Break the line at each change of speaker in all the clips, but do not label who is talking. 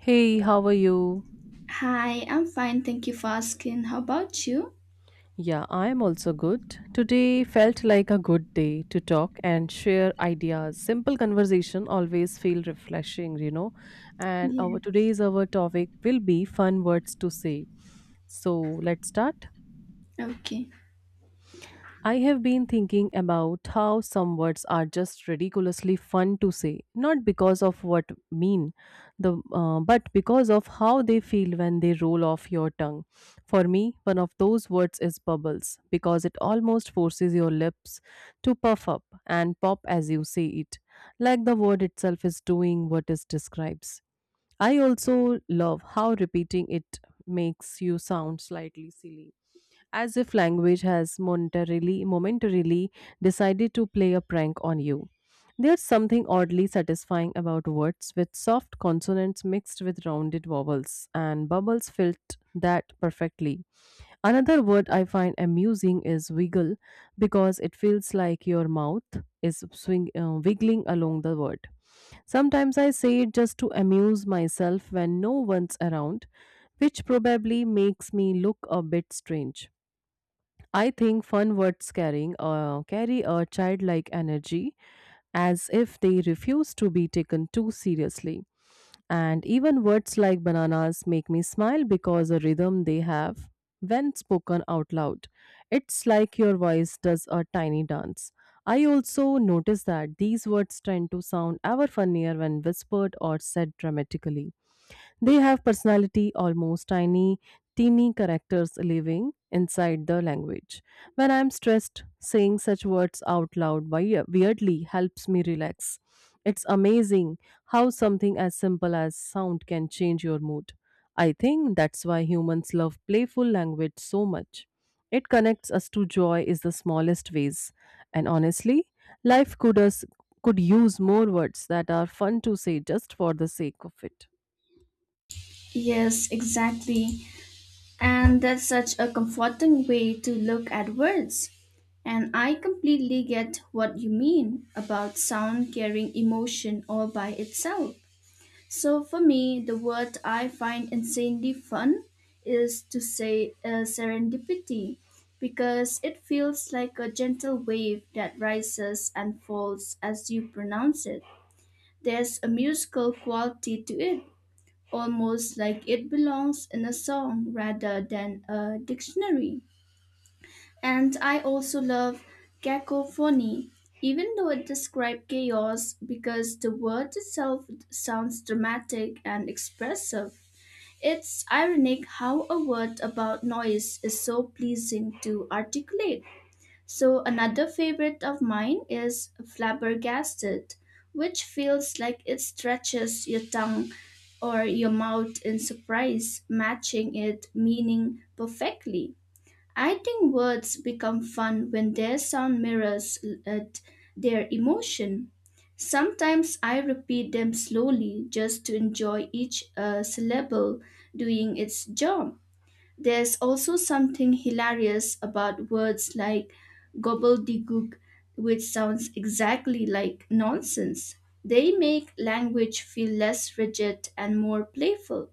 Hey, how are you?
Hi, I'm fine. Thank you for asking. How about you?
Yeah, I'm also good. Today felt like a good day to talk and share ideas. Simple conversation always feel refreshing, you know. And our
Yeah.
today's our topic will be fun words to say. So let's start.
Okay.
I have been thinking about how some words are just ridiculously fun to say, not because of what mean, the but because of how they feel when they roll off your tongue. For me, one of those words is bubbles because it almost forces your lips to puff up and pop as you say it, like the word itself is doing what it describes. I also love how repeating it makes you sound slightly silly as if language has momentarily decided to play a prank on you. There's something oddly satisfying about words with soft consonants mixed with rounded vowels, and bubbles filled that perfectly. Another word I find amusing is wiggle because it feels like your mouth is wiggling along the word. Sometimes I say it just to amuse myself when no one's around, which probably makes me look a bit strange. I think fun words carry a childlike energy as if they refuse to be taken too seriously. And even words like bananas make me smile because the rhythm they have when spoken out loud. It's like your voice does a tiny dance. I also notice that these words tend to sound ever funnier when whispered or said dramatically. They have personality, almost tiny, teeny characters living inside the language. When I'm stressed, saying such words out loud weirdly helps me relax. It's amazing how something as simple as sound can change your mood. I think that's why humans love playful language so much. It connects us to joy is the smallest ways. And honestly, life could us could use more words that are fun to say just for the sake of it.
Yes, exactly. And that's such a comforting way to look at words. And I completely get what you mean about sound carrying emotion all by itself. So for me, the word I find insanely fun is to say serendipity, because it feels like a gentle wave that rises and falls as you pronounce it. There's a musical quality to it, almost like it belongs in a song rather than a dictionary. And I also love cacophony, even though it describes chaos, because the word itself sounds dramatic and expressive. It's ironic how a word about noise is so pleasing to articulate. So another favorite of mine is flabbergasted, which feels like it stretches your tongue or your mouth in surprise, matching it meaning perfectly. I think words become fun when their sound mirrors at their emotion. Sometimes I repeat them slowly just to enjoy each syllable doing its job. There's also something hilarious about words like gobbledygook, which sounds exactly like nonsense. They make language feel less rigid and more playful.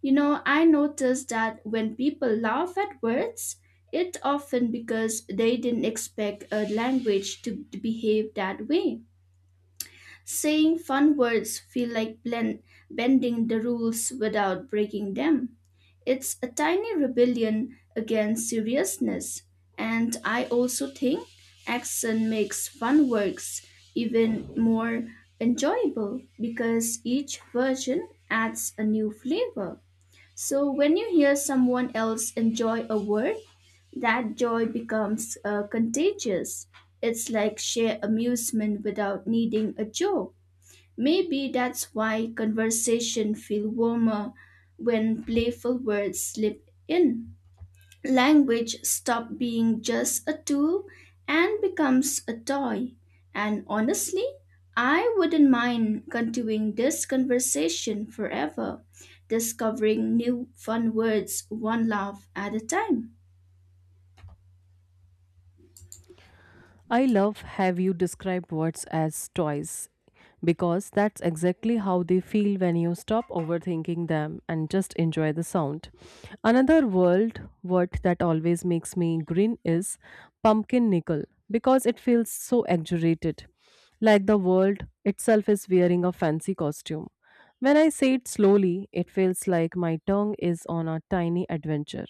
You know, I noticed that when people laugh at words, it often because they didn't expect a language to behave that way. Saying fun words feel like bending the rules without breaking them. It's a tiny rebellion against seriousness, and I also think action makes fun works even more enjoyable, because each version adds a new flavor. So when you hear someone else enjoy a word, that joy becomes contagious. It's like sheer amusement without needing a joke. Maybe that's why conversation feel warmer when playful words slip in. Language stop being just a tool and becomes a toy. And honestly, I wouldn't mind continuing this conversation forever, discovering new fun words one laugh at a time.
I love have you describe words as toys because that's exactly how they feel when you stop overthinking them and just enjoy the sound. Another world word that always makes me grin is pumpkin nickel because it feels so exaggerated, like the world itself is wearing a fancy costume. When I say it slowly, it feels like my tongue is on a tiny adventure,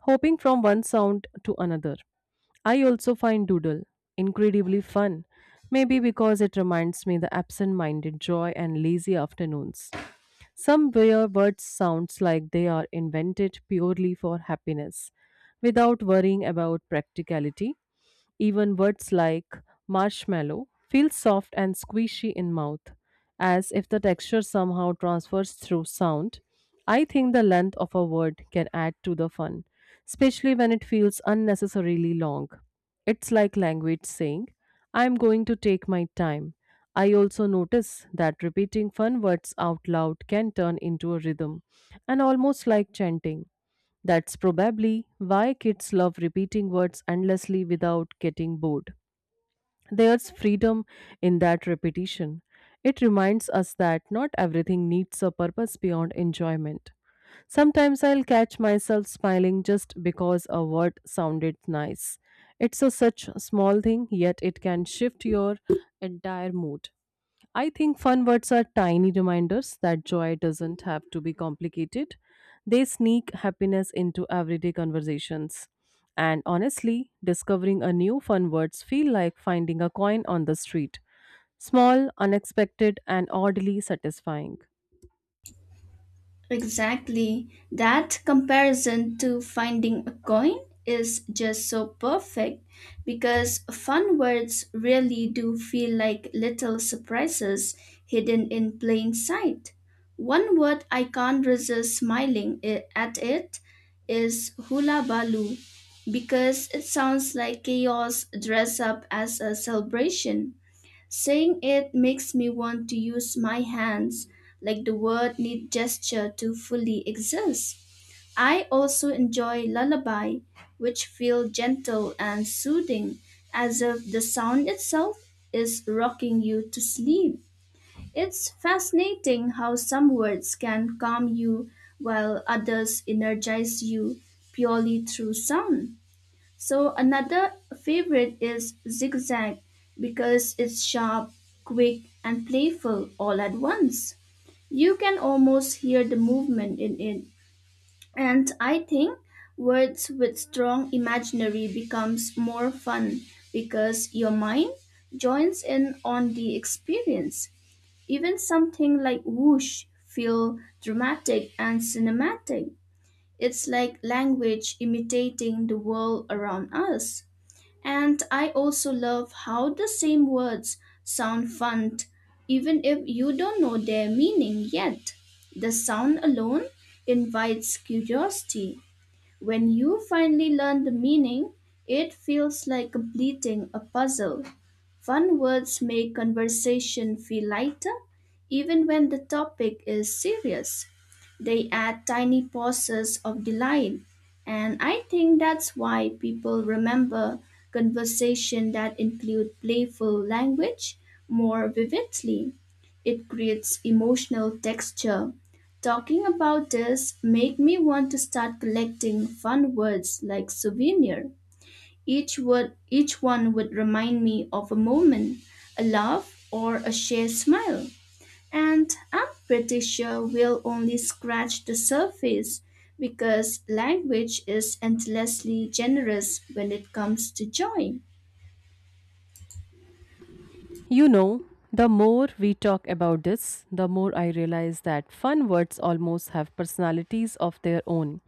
hopping from one sound to another. I also find Doodle incredibly fun, maybe because it reminds me the absent minded joy and lazy afternoons. Some rare words sounds like they are invented purely for happiness, without worrying about practicality. Even words like marshmallow feel soft and squishy in mouth, as if the texture somehow transfers through sound. I think the length of a word can add to the fun, especially when it feels unnecessarily long. It's like language saying, I'm going to take my time. I also notice that repeating fun words out loud can turn into a rhythm and almost like chanting. That's probably why kids love repeating words endlessly without getting bored. There's freedom in that repetition. It reminds us that not everything needs a purpose beyond enjoyment. Sometimes I'll catch myself smiling just because a word sounded nice. It's a such small thing, yet it can shift your entire mood. I think fun words are tiny reminders that joy doesn't have to be complicated. They sneak happiness into everyday conversations. And honestly, discovering a new fun words feel like finding a coin on the street. Small, unexpected and oddly satisfying.
Exactly. That comparison to finding a coin is just so perfect, because fun words really do feel like little surprises hidden in plain sight. One word I can't resist smiling I- at it is hula baloo, because it sounds like chaos dressed up as a celebration. Saying it makes me want to use my hands, like the word need gesture to fully exist. I also enjoy lullaby, which feel gentle and soothing, as if the sound itself is rocking you to sleep. It's fascinating how some words can calm you while others energize you purely through sound. So another favorite is zigzag, because it's sharp, quick, and playful all at once. You can almost hear the movement in it. And I think words with strong imaginary becomes more fun, because your mind joins in on the experience. Even something like whoosh feel dramatic and cinematic. It's like language imitating the world around us. And I also love how the same words sound fun, even if you don't know their meaning yet. The sound alone invites curiosity. When you finally learn the meaning, it feels like completing a puzzle. Fun words make conversation feel lighter, even when the topic is serious. They add tiny pauses of delight, and I think that's why people remember conversation that include playful language more vividly. It creates emotional texture. Talking about this make me want to start collecting fun words like souvenir. Each word each one would remind me of a moment, a laugh or a shared smile. And I'm pretty sure we'll only scratch the surface, because language is endlessly generous when it comes to joy.
You know, the more we talk about this, the more I realize that fun words almost have personalities of their own.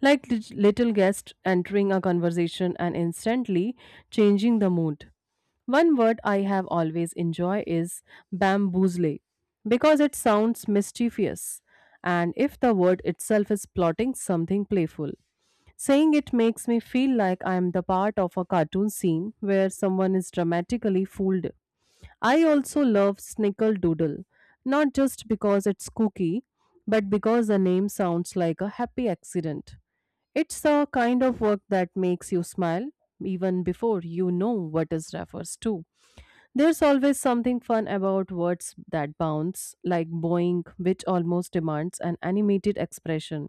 Like little guests entering a conversation and instantly changing the mood. One word I have always enjoyed is bamboozle because it sounds mischievous and if the word itself is plotting something playful. Saying it makes me feel like I am the part of a cartoon scene where someone is dramatically fooled. I also love Snickerdoodle, not just because it's kooky, but because the name sounds like a happy accident. It's a kind of work that makes you smile even before you know what it refers to. There's always something fun about words that bounce, like boing, which almost demands an animated expression.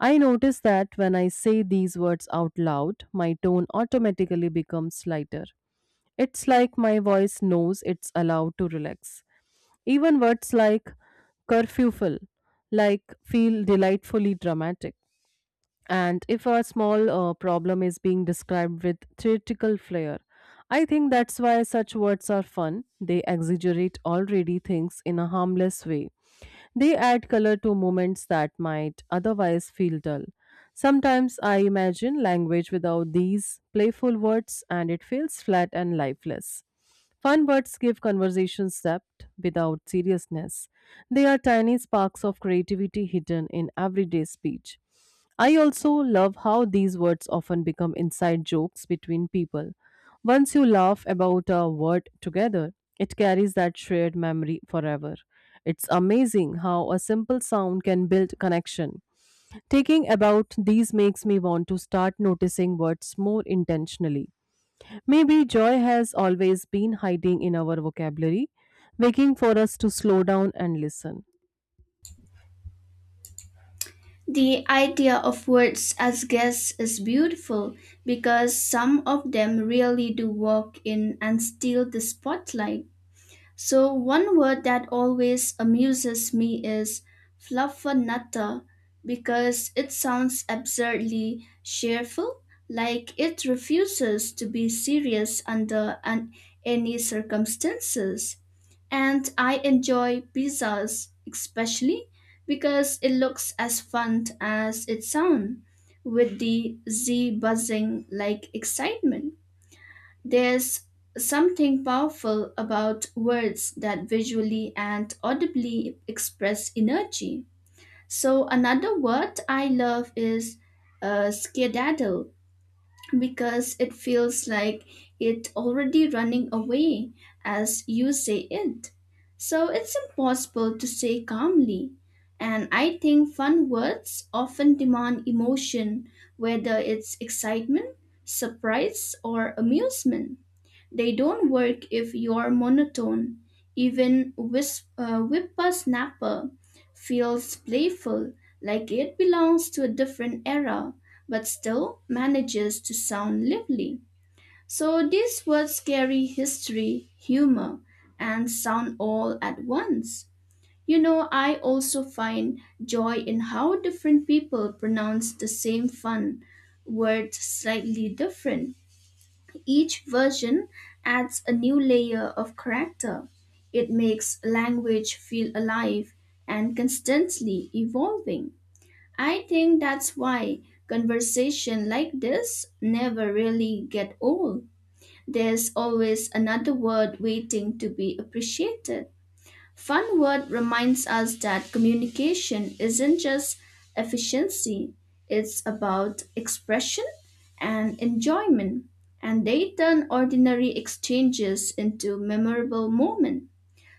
I notice that when I say these words out loud, my tone automatically becomes lighter. It's like my voice knows it's allowed to relax. Even words like curfewful, like feel delightfully dramatic. And if a small problem is being described with theatrical flair, I think that's why such words are fun. They exaggerate already things in a harmless way. They add color to moments that might otherwise feel dull. Sometimes I imagine language without these playful words and it feels flat and lifeless. Fun words give conversations depth without seriousness. They are tiny sparks of creativity hidden in everyday speech. I also love how these words often become inside jokes between people. Once you laugh about a word together, it carries that shared memory forever. It's amazing how a simple sound can build connection. Taking about these makes me want to start noticing words more intentionally. Maybe joy has always been hiding in our vocabulary, waiting for us to slow down and listen.
The idea of words as guests is beautiful, because some of them really do walk in and steal the spotlight. So, one word that always amuses me is fluffernutter, because it sounds absurdly cheerful, like it refuses to be serious under any circumstances, and I enjoy pizzas especially, because it looks as fun as it sounds, with the Z buzzing like excitement. There's something powerful about words that visually and audibly express energy. So another word I love is skedaddle, because it feels like it already running away as you say it. So it's impossible to say calmly. And I think fun words often demand emotion, whether it's excitement, surprise, or amusement. They don't work if you're monotone. Even Whippersnapper feels playful, like it belongs to a different era, but still manages to sound lively. So these words carry history, humor, and sound all at once. You know, I also find joy in how different people pronounce the same fun word slightly different. Each version adds a new layer of character. It makes language feel alive and constantly evolving. I think that's why conversation like this never really get old. There's always another word waiting to be appreciated. Fun word reminds us that communication isn't just efficiency, it's about expression and enjoyment, and they turn ordinary exchanges into memorable moments.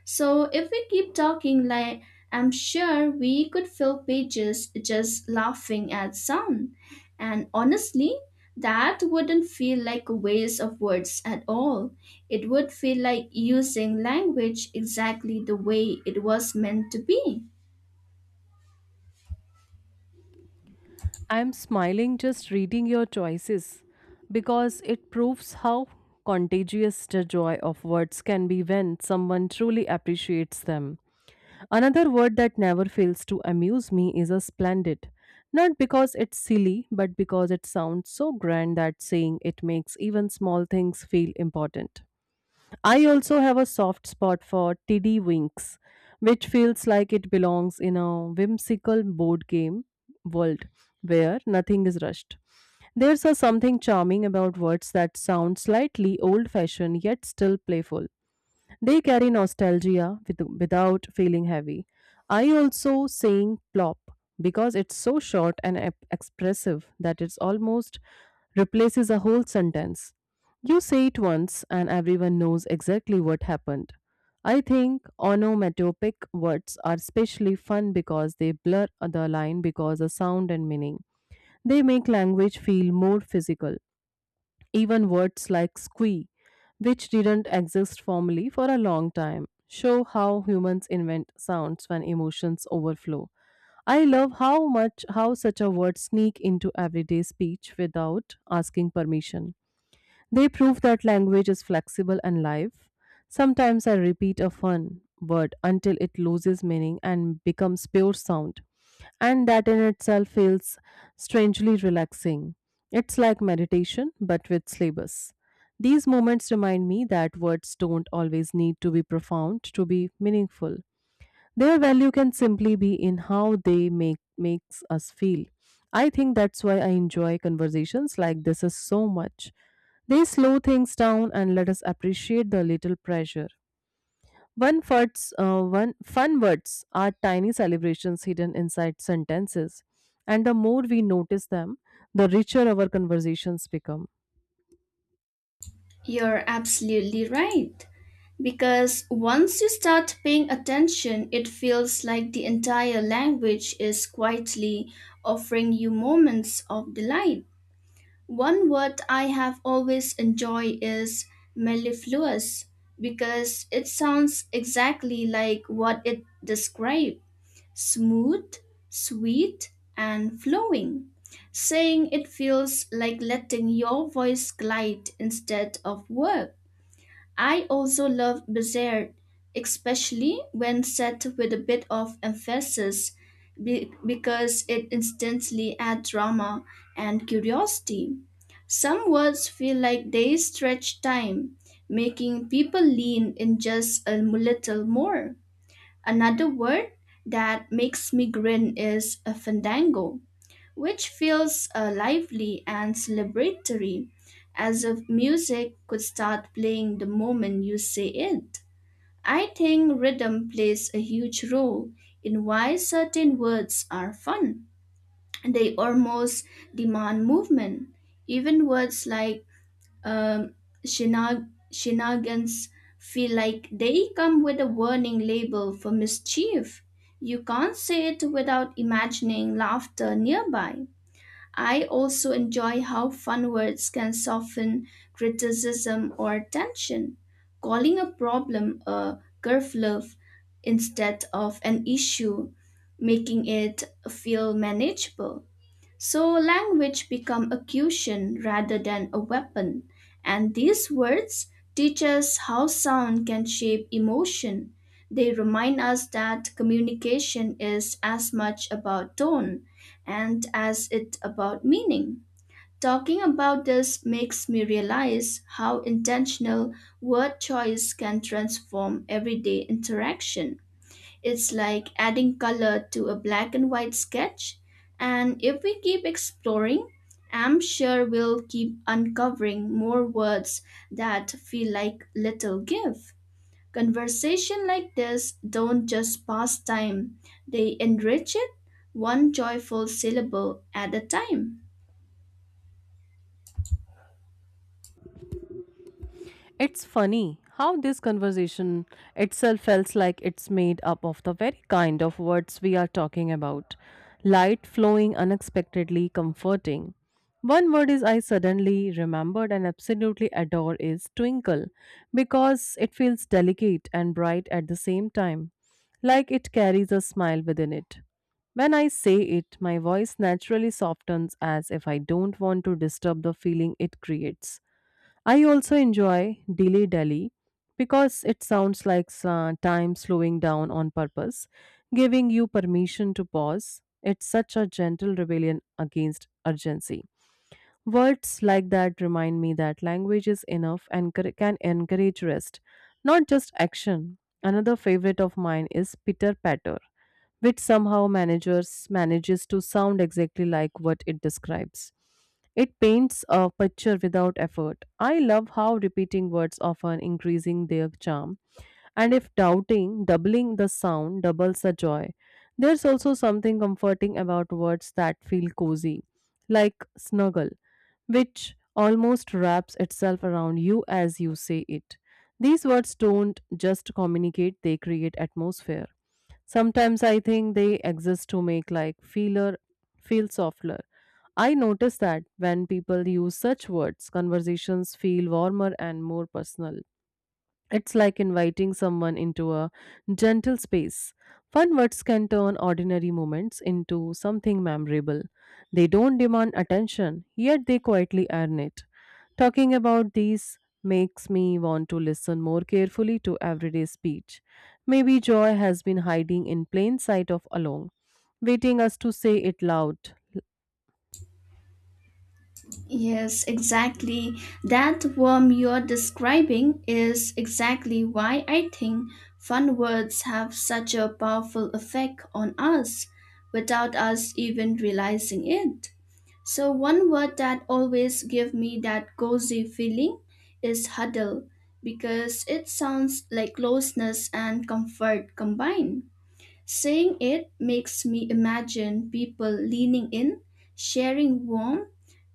So if we keep talking like I'm sure we could fill pages just laughing at sound. And honestly, that wouldn't feel like a waste of words at all. It would feel like using language exactly the way it was meant to be.
I'm smiling just reading your choices because it proves how contagious the joy of words can be when someone truly appreciates them. Another word that never fails to amuse me is a splendid. Not because it's silly, but because it sounds so grand that saying it makes even small things feel important. I also have a soft spot for Tiddy Winks, which feels like it belongs in a whimsical board game world where nothing is rushed. There's a something charming about words that sound slightly old fashioned yet still playful. They carry nostalgia with, without feeling heavy. I also sing plop because it's so short and expressive that it's almost replaces a whole sentence. You say it once and everyone knows exactly what happened. I think onomatopoeic words are especially fun because they blur the line because of sound and meaning. They make language feel more physical. Even words like squee, which didn't exist formally for a long time, show how humans invent sounds when emotions overflow. I love how much how such a word sneak into everyday speech without asking permission. They prove that language is flexible and live. Sometimes I repeat a fun word until it loses meaning and becomes pure sound and that in itself feels strangely relaxing. It's like meditation, but with syllabus. These moments remind me that words don't always need to be profound to be meaningful. Their value can simply be in how they makes us feel. I think that's why I enjoy conversations like this is so much. They slow things down and let us appreciate the little pleasure. One fun words are tiny celebrations hidden inside sentences, and the more we notice them, the richer our conversations become.
You're absolutely right. Because once you start paying attention, it feels like the entire language is quietly offering you moments of delight. One word I have always enjoyed is mellifluous, because it sounds exactly like what it describes: smooth, sweet, and flowing. Saying it feels like letting your voice glide instead of work. I also love dessert, especially when set with a bit of emphasis, because it instantly adds drama and curiosity. Some words feel like they stretch time, making people lean in just a little more. Another word that makes me grin is a fandango, which feels lively and celebratory, as if music could start playing the moment you say it. I think rhythm plays a huge role in why certain words are fun. They almost demand movement. Even words like um, shenanigans feel like they come with a warning label for mischief. You can't say it without imagining laughter nearby. I also enjoy how fun words can soften criticism or tension. Calling a problem a curve instead of an issue, making it feel manageable. So language become a cushion rather than a weapon, and these words teach us how sound can shape emotion. They remind us that communication is as much about tone and as it about meaning. Talking about this makes me realize how intentional word choice can transform everyday interaction. It's like adding color to a black and white sketch. And if we keep exploring, I'm sure we'll keep uncovering more words that feel like little gift. Conversation like this don't just pass time, they enrich it one joyful syllable at a time.
It's funny how this conversation itself feels like it's made up of the very kind of words we are talking about. Light flowing unexpectedly comforting. One word is I suddenly remembered and absolutely adore is twinkle because it feels delicate and bright at the same time, like it carries a smile within it. When I say it, my voice naturally softens as if I don't want to disturb the feeling it creates. I also enjoy Dilly Dally because it sounds like time slowing down on purpose, giving you permission to pause. It's such a gentle rebellion against urgency. Words like that remind me that language is enough and can encourage rest, not just action. Another favorite of mine is "pitter Patter which somehow managers manages to sound exactly like what it describes. It paints a picture without effort. I love how repeating words often increasing their charm, and if doubling the sound doubles the joy. There's also something comforting about words that feel cozy, like snuggle, which almost wraps itself around you as you say it. These words don't just communicate, they create atmosphere. Sometimes I think they exist to make like feel softer. I notice that when people use such words, conversations feel warmer and more personal. It's like inviting someone into a gentle space. Fun words can turn ordinary moments into something memorable. They don't demand attention, yet they quietly earn it. Talking about these makes me want to listen more carefully to everyday speech. Maybe joy has been hiding in plain sight of alone, waiting us to say it loud.
Yes, exactly. That worm you're describing is exactly why I think fun words have such a powerful effect on us without us even realizing it. So one word that always give me that cozy feeling is huddle, because it sounds like closeness and comfort combined. Seeing it makes me imagine people leaning in, sharing warmth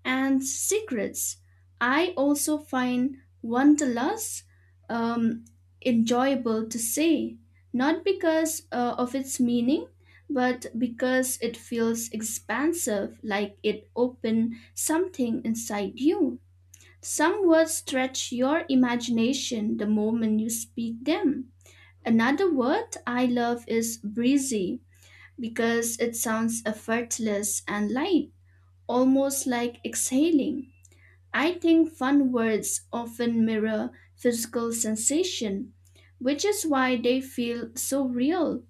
and secrets. I also find Wanderlust um, enjoyable to say, not because of its meaning, but because it feels expansive, like it opened something inside you. Some words stretch your imagination the moment you speak them. Another word I love is breezy, because it sounds effortless and light, almost like exhaling. I think fun words often mirror physical sensation, which is why they feel so real.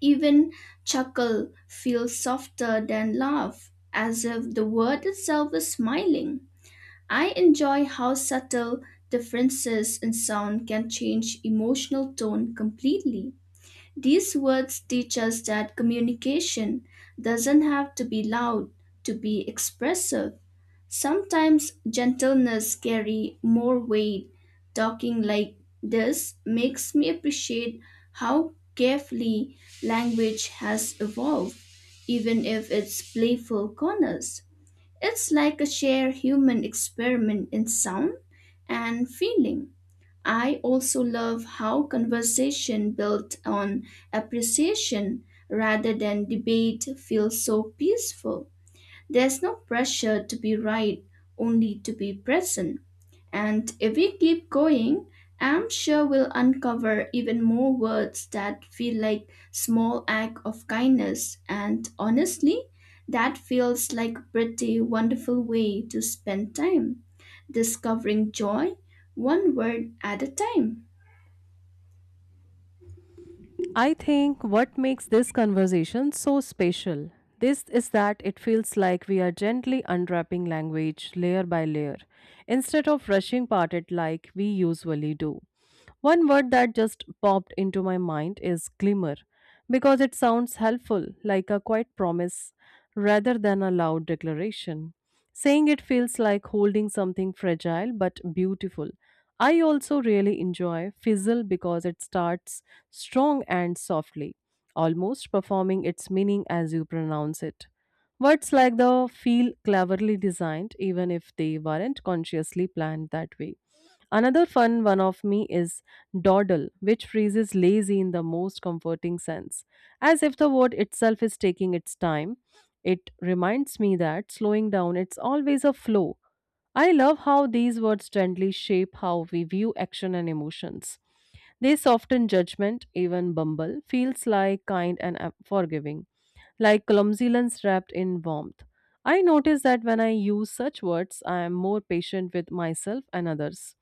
Even chuckle feels softer than laugh, as if the word itself is smiling. I enjoy how subtle differences in sound can change emotional tone completely. These words teach us that communication doesn't have to be loud to be expressive. Sometimes gentleness carry more weight. Talking like this makes me appreciate how carefully language has evolved, even if it's playful corners. It's like a shared human experiment in sound and feeling. I also love how conversation built on appreciation rather than debate feels so peaceful. There's no pressure to be right, only to be present. And if we keep going, I'm sure we'll uncover even more words that feel like small act of kindness. And honestly, that feels like a pretty wonderful way to spend time, discovering joy one word at a time.
I think what makes this conversation so special this is that it feels like we are gently unwrapping language layer by layer instead of rushing part it like we usually do. One word that just popped into my mind is glimmer because it sounds helpful like a quiet promise rather than a loud declaration. Saying it feels like holding something fragile but beautiful. I also really enjoy Fizzle because it starts strong and softly, almost performing its meaning as you pronounce it. Words like the feel cleverly designed, even if they weren't consciously planned that way. Another fun one of me is dawdle, which phrases lazy in the most comforting sense, as if the word itself is taking its time it reminds me that slowing down it's always a flow. I love how these words gently shape how we view action and emotions. They soften judgment, even Bumble feels like kind and forgiving, like clumsiness wrapped in warmth. I notice that when I use such words, I am more patient with myself and others.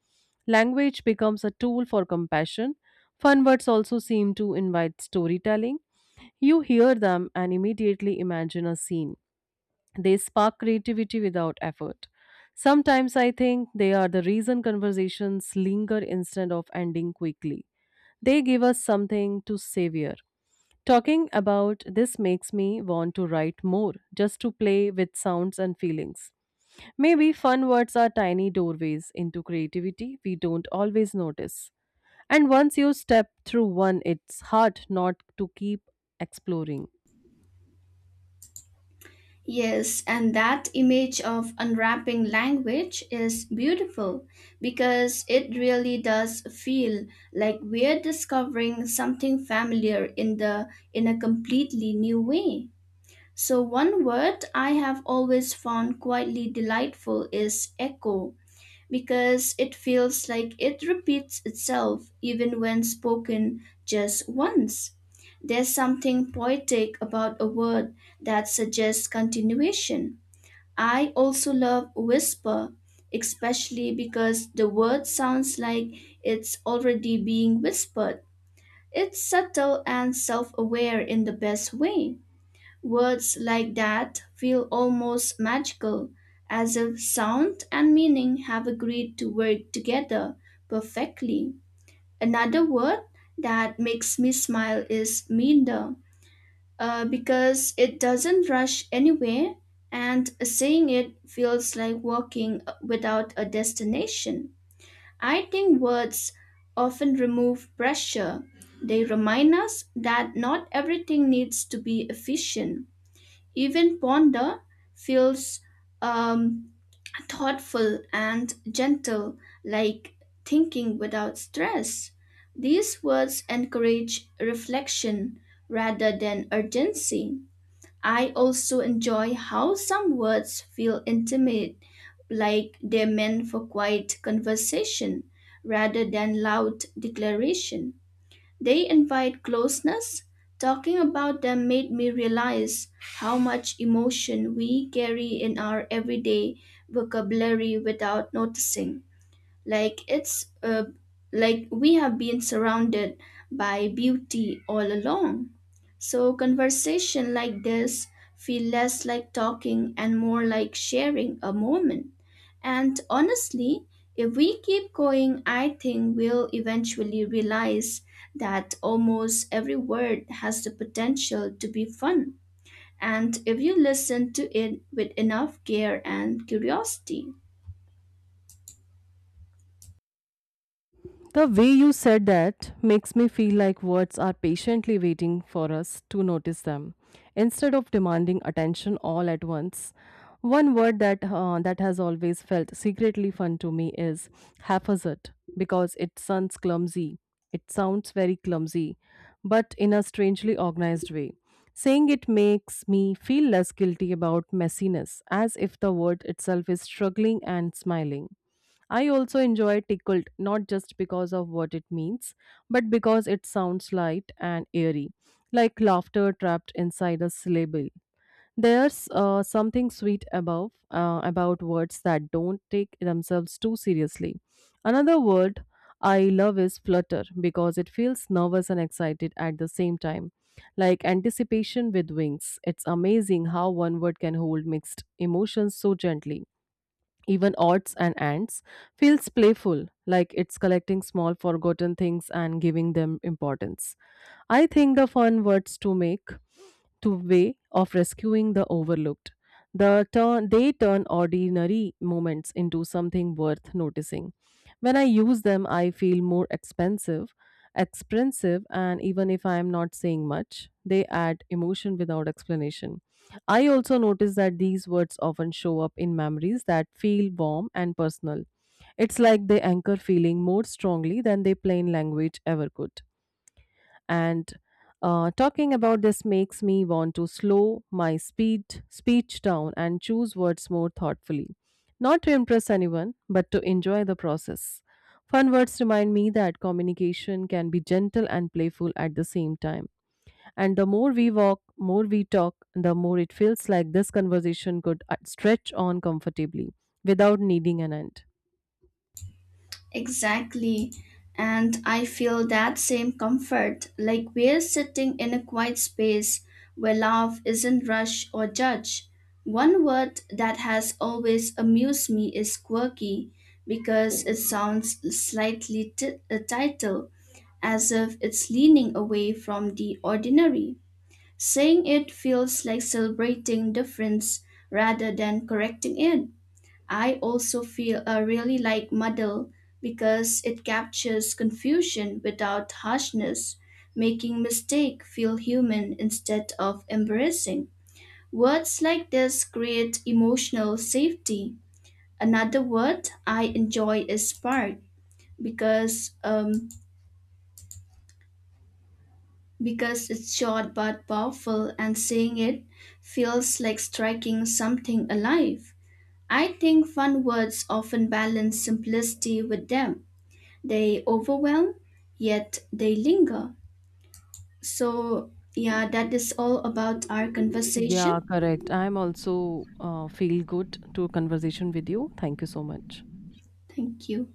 Language becomes a tool for compassion. Fun words also seem to invite storytelling. You hear them and immediately imagine a scene. They spark creativity without effort. Sometimes I think they are the reason conversations linger instead of ending quickly. They give us something to savor. Talking about this makes me want to write more, just to play with sounds and feelings. Maybe fun words are tiny doorways into creativity we don't always notice. And once you step through one, it's hard not to keep exploring.
Yes, and that image of unwrapping language is beautiful, because it really does feel like we're discovering something familiar in the in a completely new way. So one word I have always found quietly delightful is echo, because it feels like it repeats itself even when spoken just once. There's something poetic about a word that suggests continuation. I also love whisper, especially because the word sounds like it's already being whispered. It's subtle and self aware in the best way. Words like that feel almost magical, as if sound and meaning have agreed to work together perfectly. Another word that makes me smile is meander, because it doesn't rush anywhere, and saying it feels like walking without a destination. I think words often remove pressure. They remind us that not everything needs to be efficient, even Ponda feels um, thoughtful and gentle, like thinking without stress. These words encourage reflection rather than urgency. I also enjoy how some words feel intimate, like they're meant for quiet conversation rather than loud declaration. They invite closeness. Talking about them made me realize how much emotion we carry in our everyday vocabulary without noticing. Like it's like we have been surrounded by beauty all along. So conversation like this feel less like talking and more like sharing a moment. And honestly, if we keep going, I think we'll eventually realize that almost every word has the potential to be fun. And if you listen to it with enough care and curiosity.
The way you said that makes me feel like words are patiently waiting for us to notice them. Instead of demanding attention all at once, one word that that has always felt secretly fun to me is haphazard because it sounds clumsy. It sounds very clumsy, but in a strangely organized way. Saying it makes me feel less guilty about messiness, as if the word itself is struggling and smiling. I also enjoy tickled not just because of what it means, but because it sounds light and airy, like laughter trapped inside a syllable. There's something sweet above about words that don't take themselves too seriously. Another word I love is flutter because it feels nervous and excited at the same time, like anticipation with wings. It's amazing how one word can hold mixed emotions so gently. Even odds and ants feels playful, like it's collecting small forgotten things and giving them importance. I think the fun words to make to way of rescuing the overlooked. They turn ordinary moments into something worth noticing. When I use them, I feel expensive, and even if I am not saying much, they add emotion without explanation. I also notice that these words often show up in memories that feel warm and personal. It's like they anchor feeling more strongly than their plain language ever could and talking about this makes me want to slow my speed speech down and choose words more thoughtfully, not to impress anyone but to enjoy the process. Fun words remind me that communication can be gentle and playful at the same time, and the more we walk, more we talk, the more it feels like this conversation could stretch on comfortably without needing an end.
Exactly. And I feel that same comfort, like we're sitting in a quiet space where love isn't rushed or judged. One word that has always amused me is quirky, because it sounds slightly a title, as if it's leaning away from the ordinary. Saying it feels like celebrating difference rather than correcting it. I also feel really like muddle, because it captures confusion without harshness, making mistake feel human instead of embarrassing. Words like this create emotional safety. Another word I enjoy is spark, because um, because it's short but powerful and saying it feels like striking something alive. I think fun words often balance simplicity with depth. They overwhelm, yet they linger. So, yeah, that is all about our
Yeah,
conversation.
correct. I'm also feel good to a conversation with you. Thank you so much.
Thank you.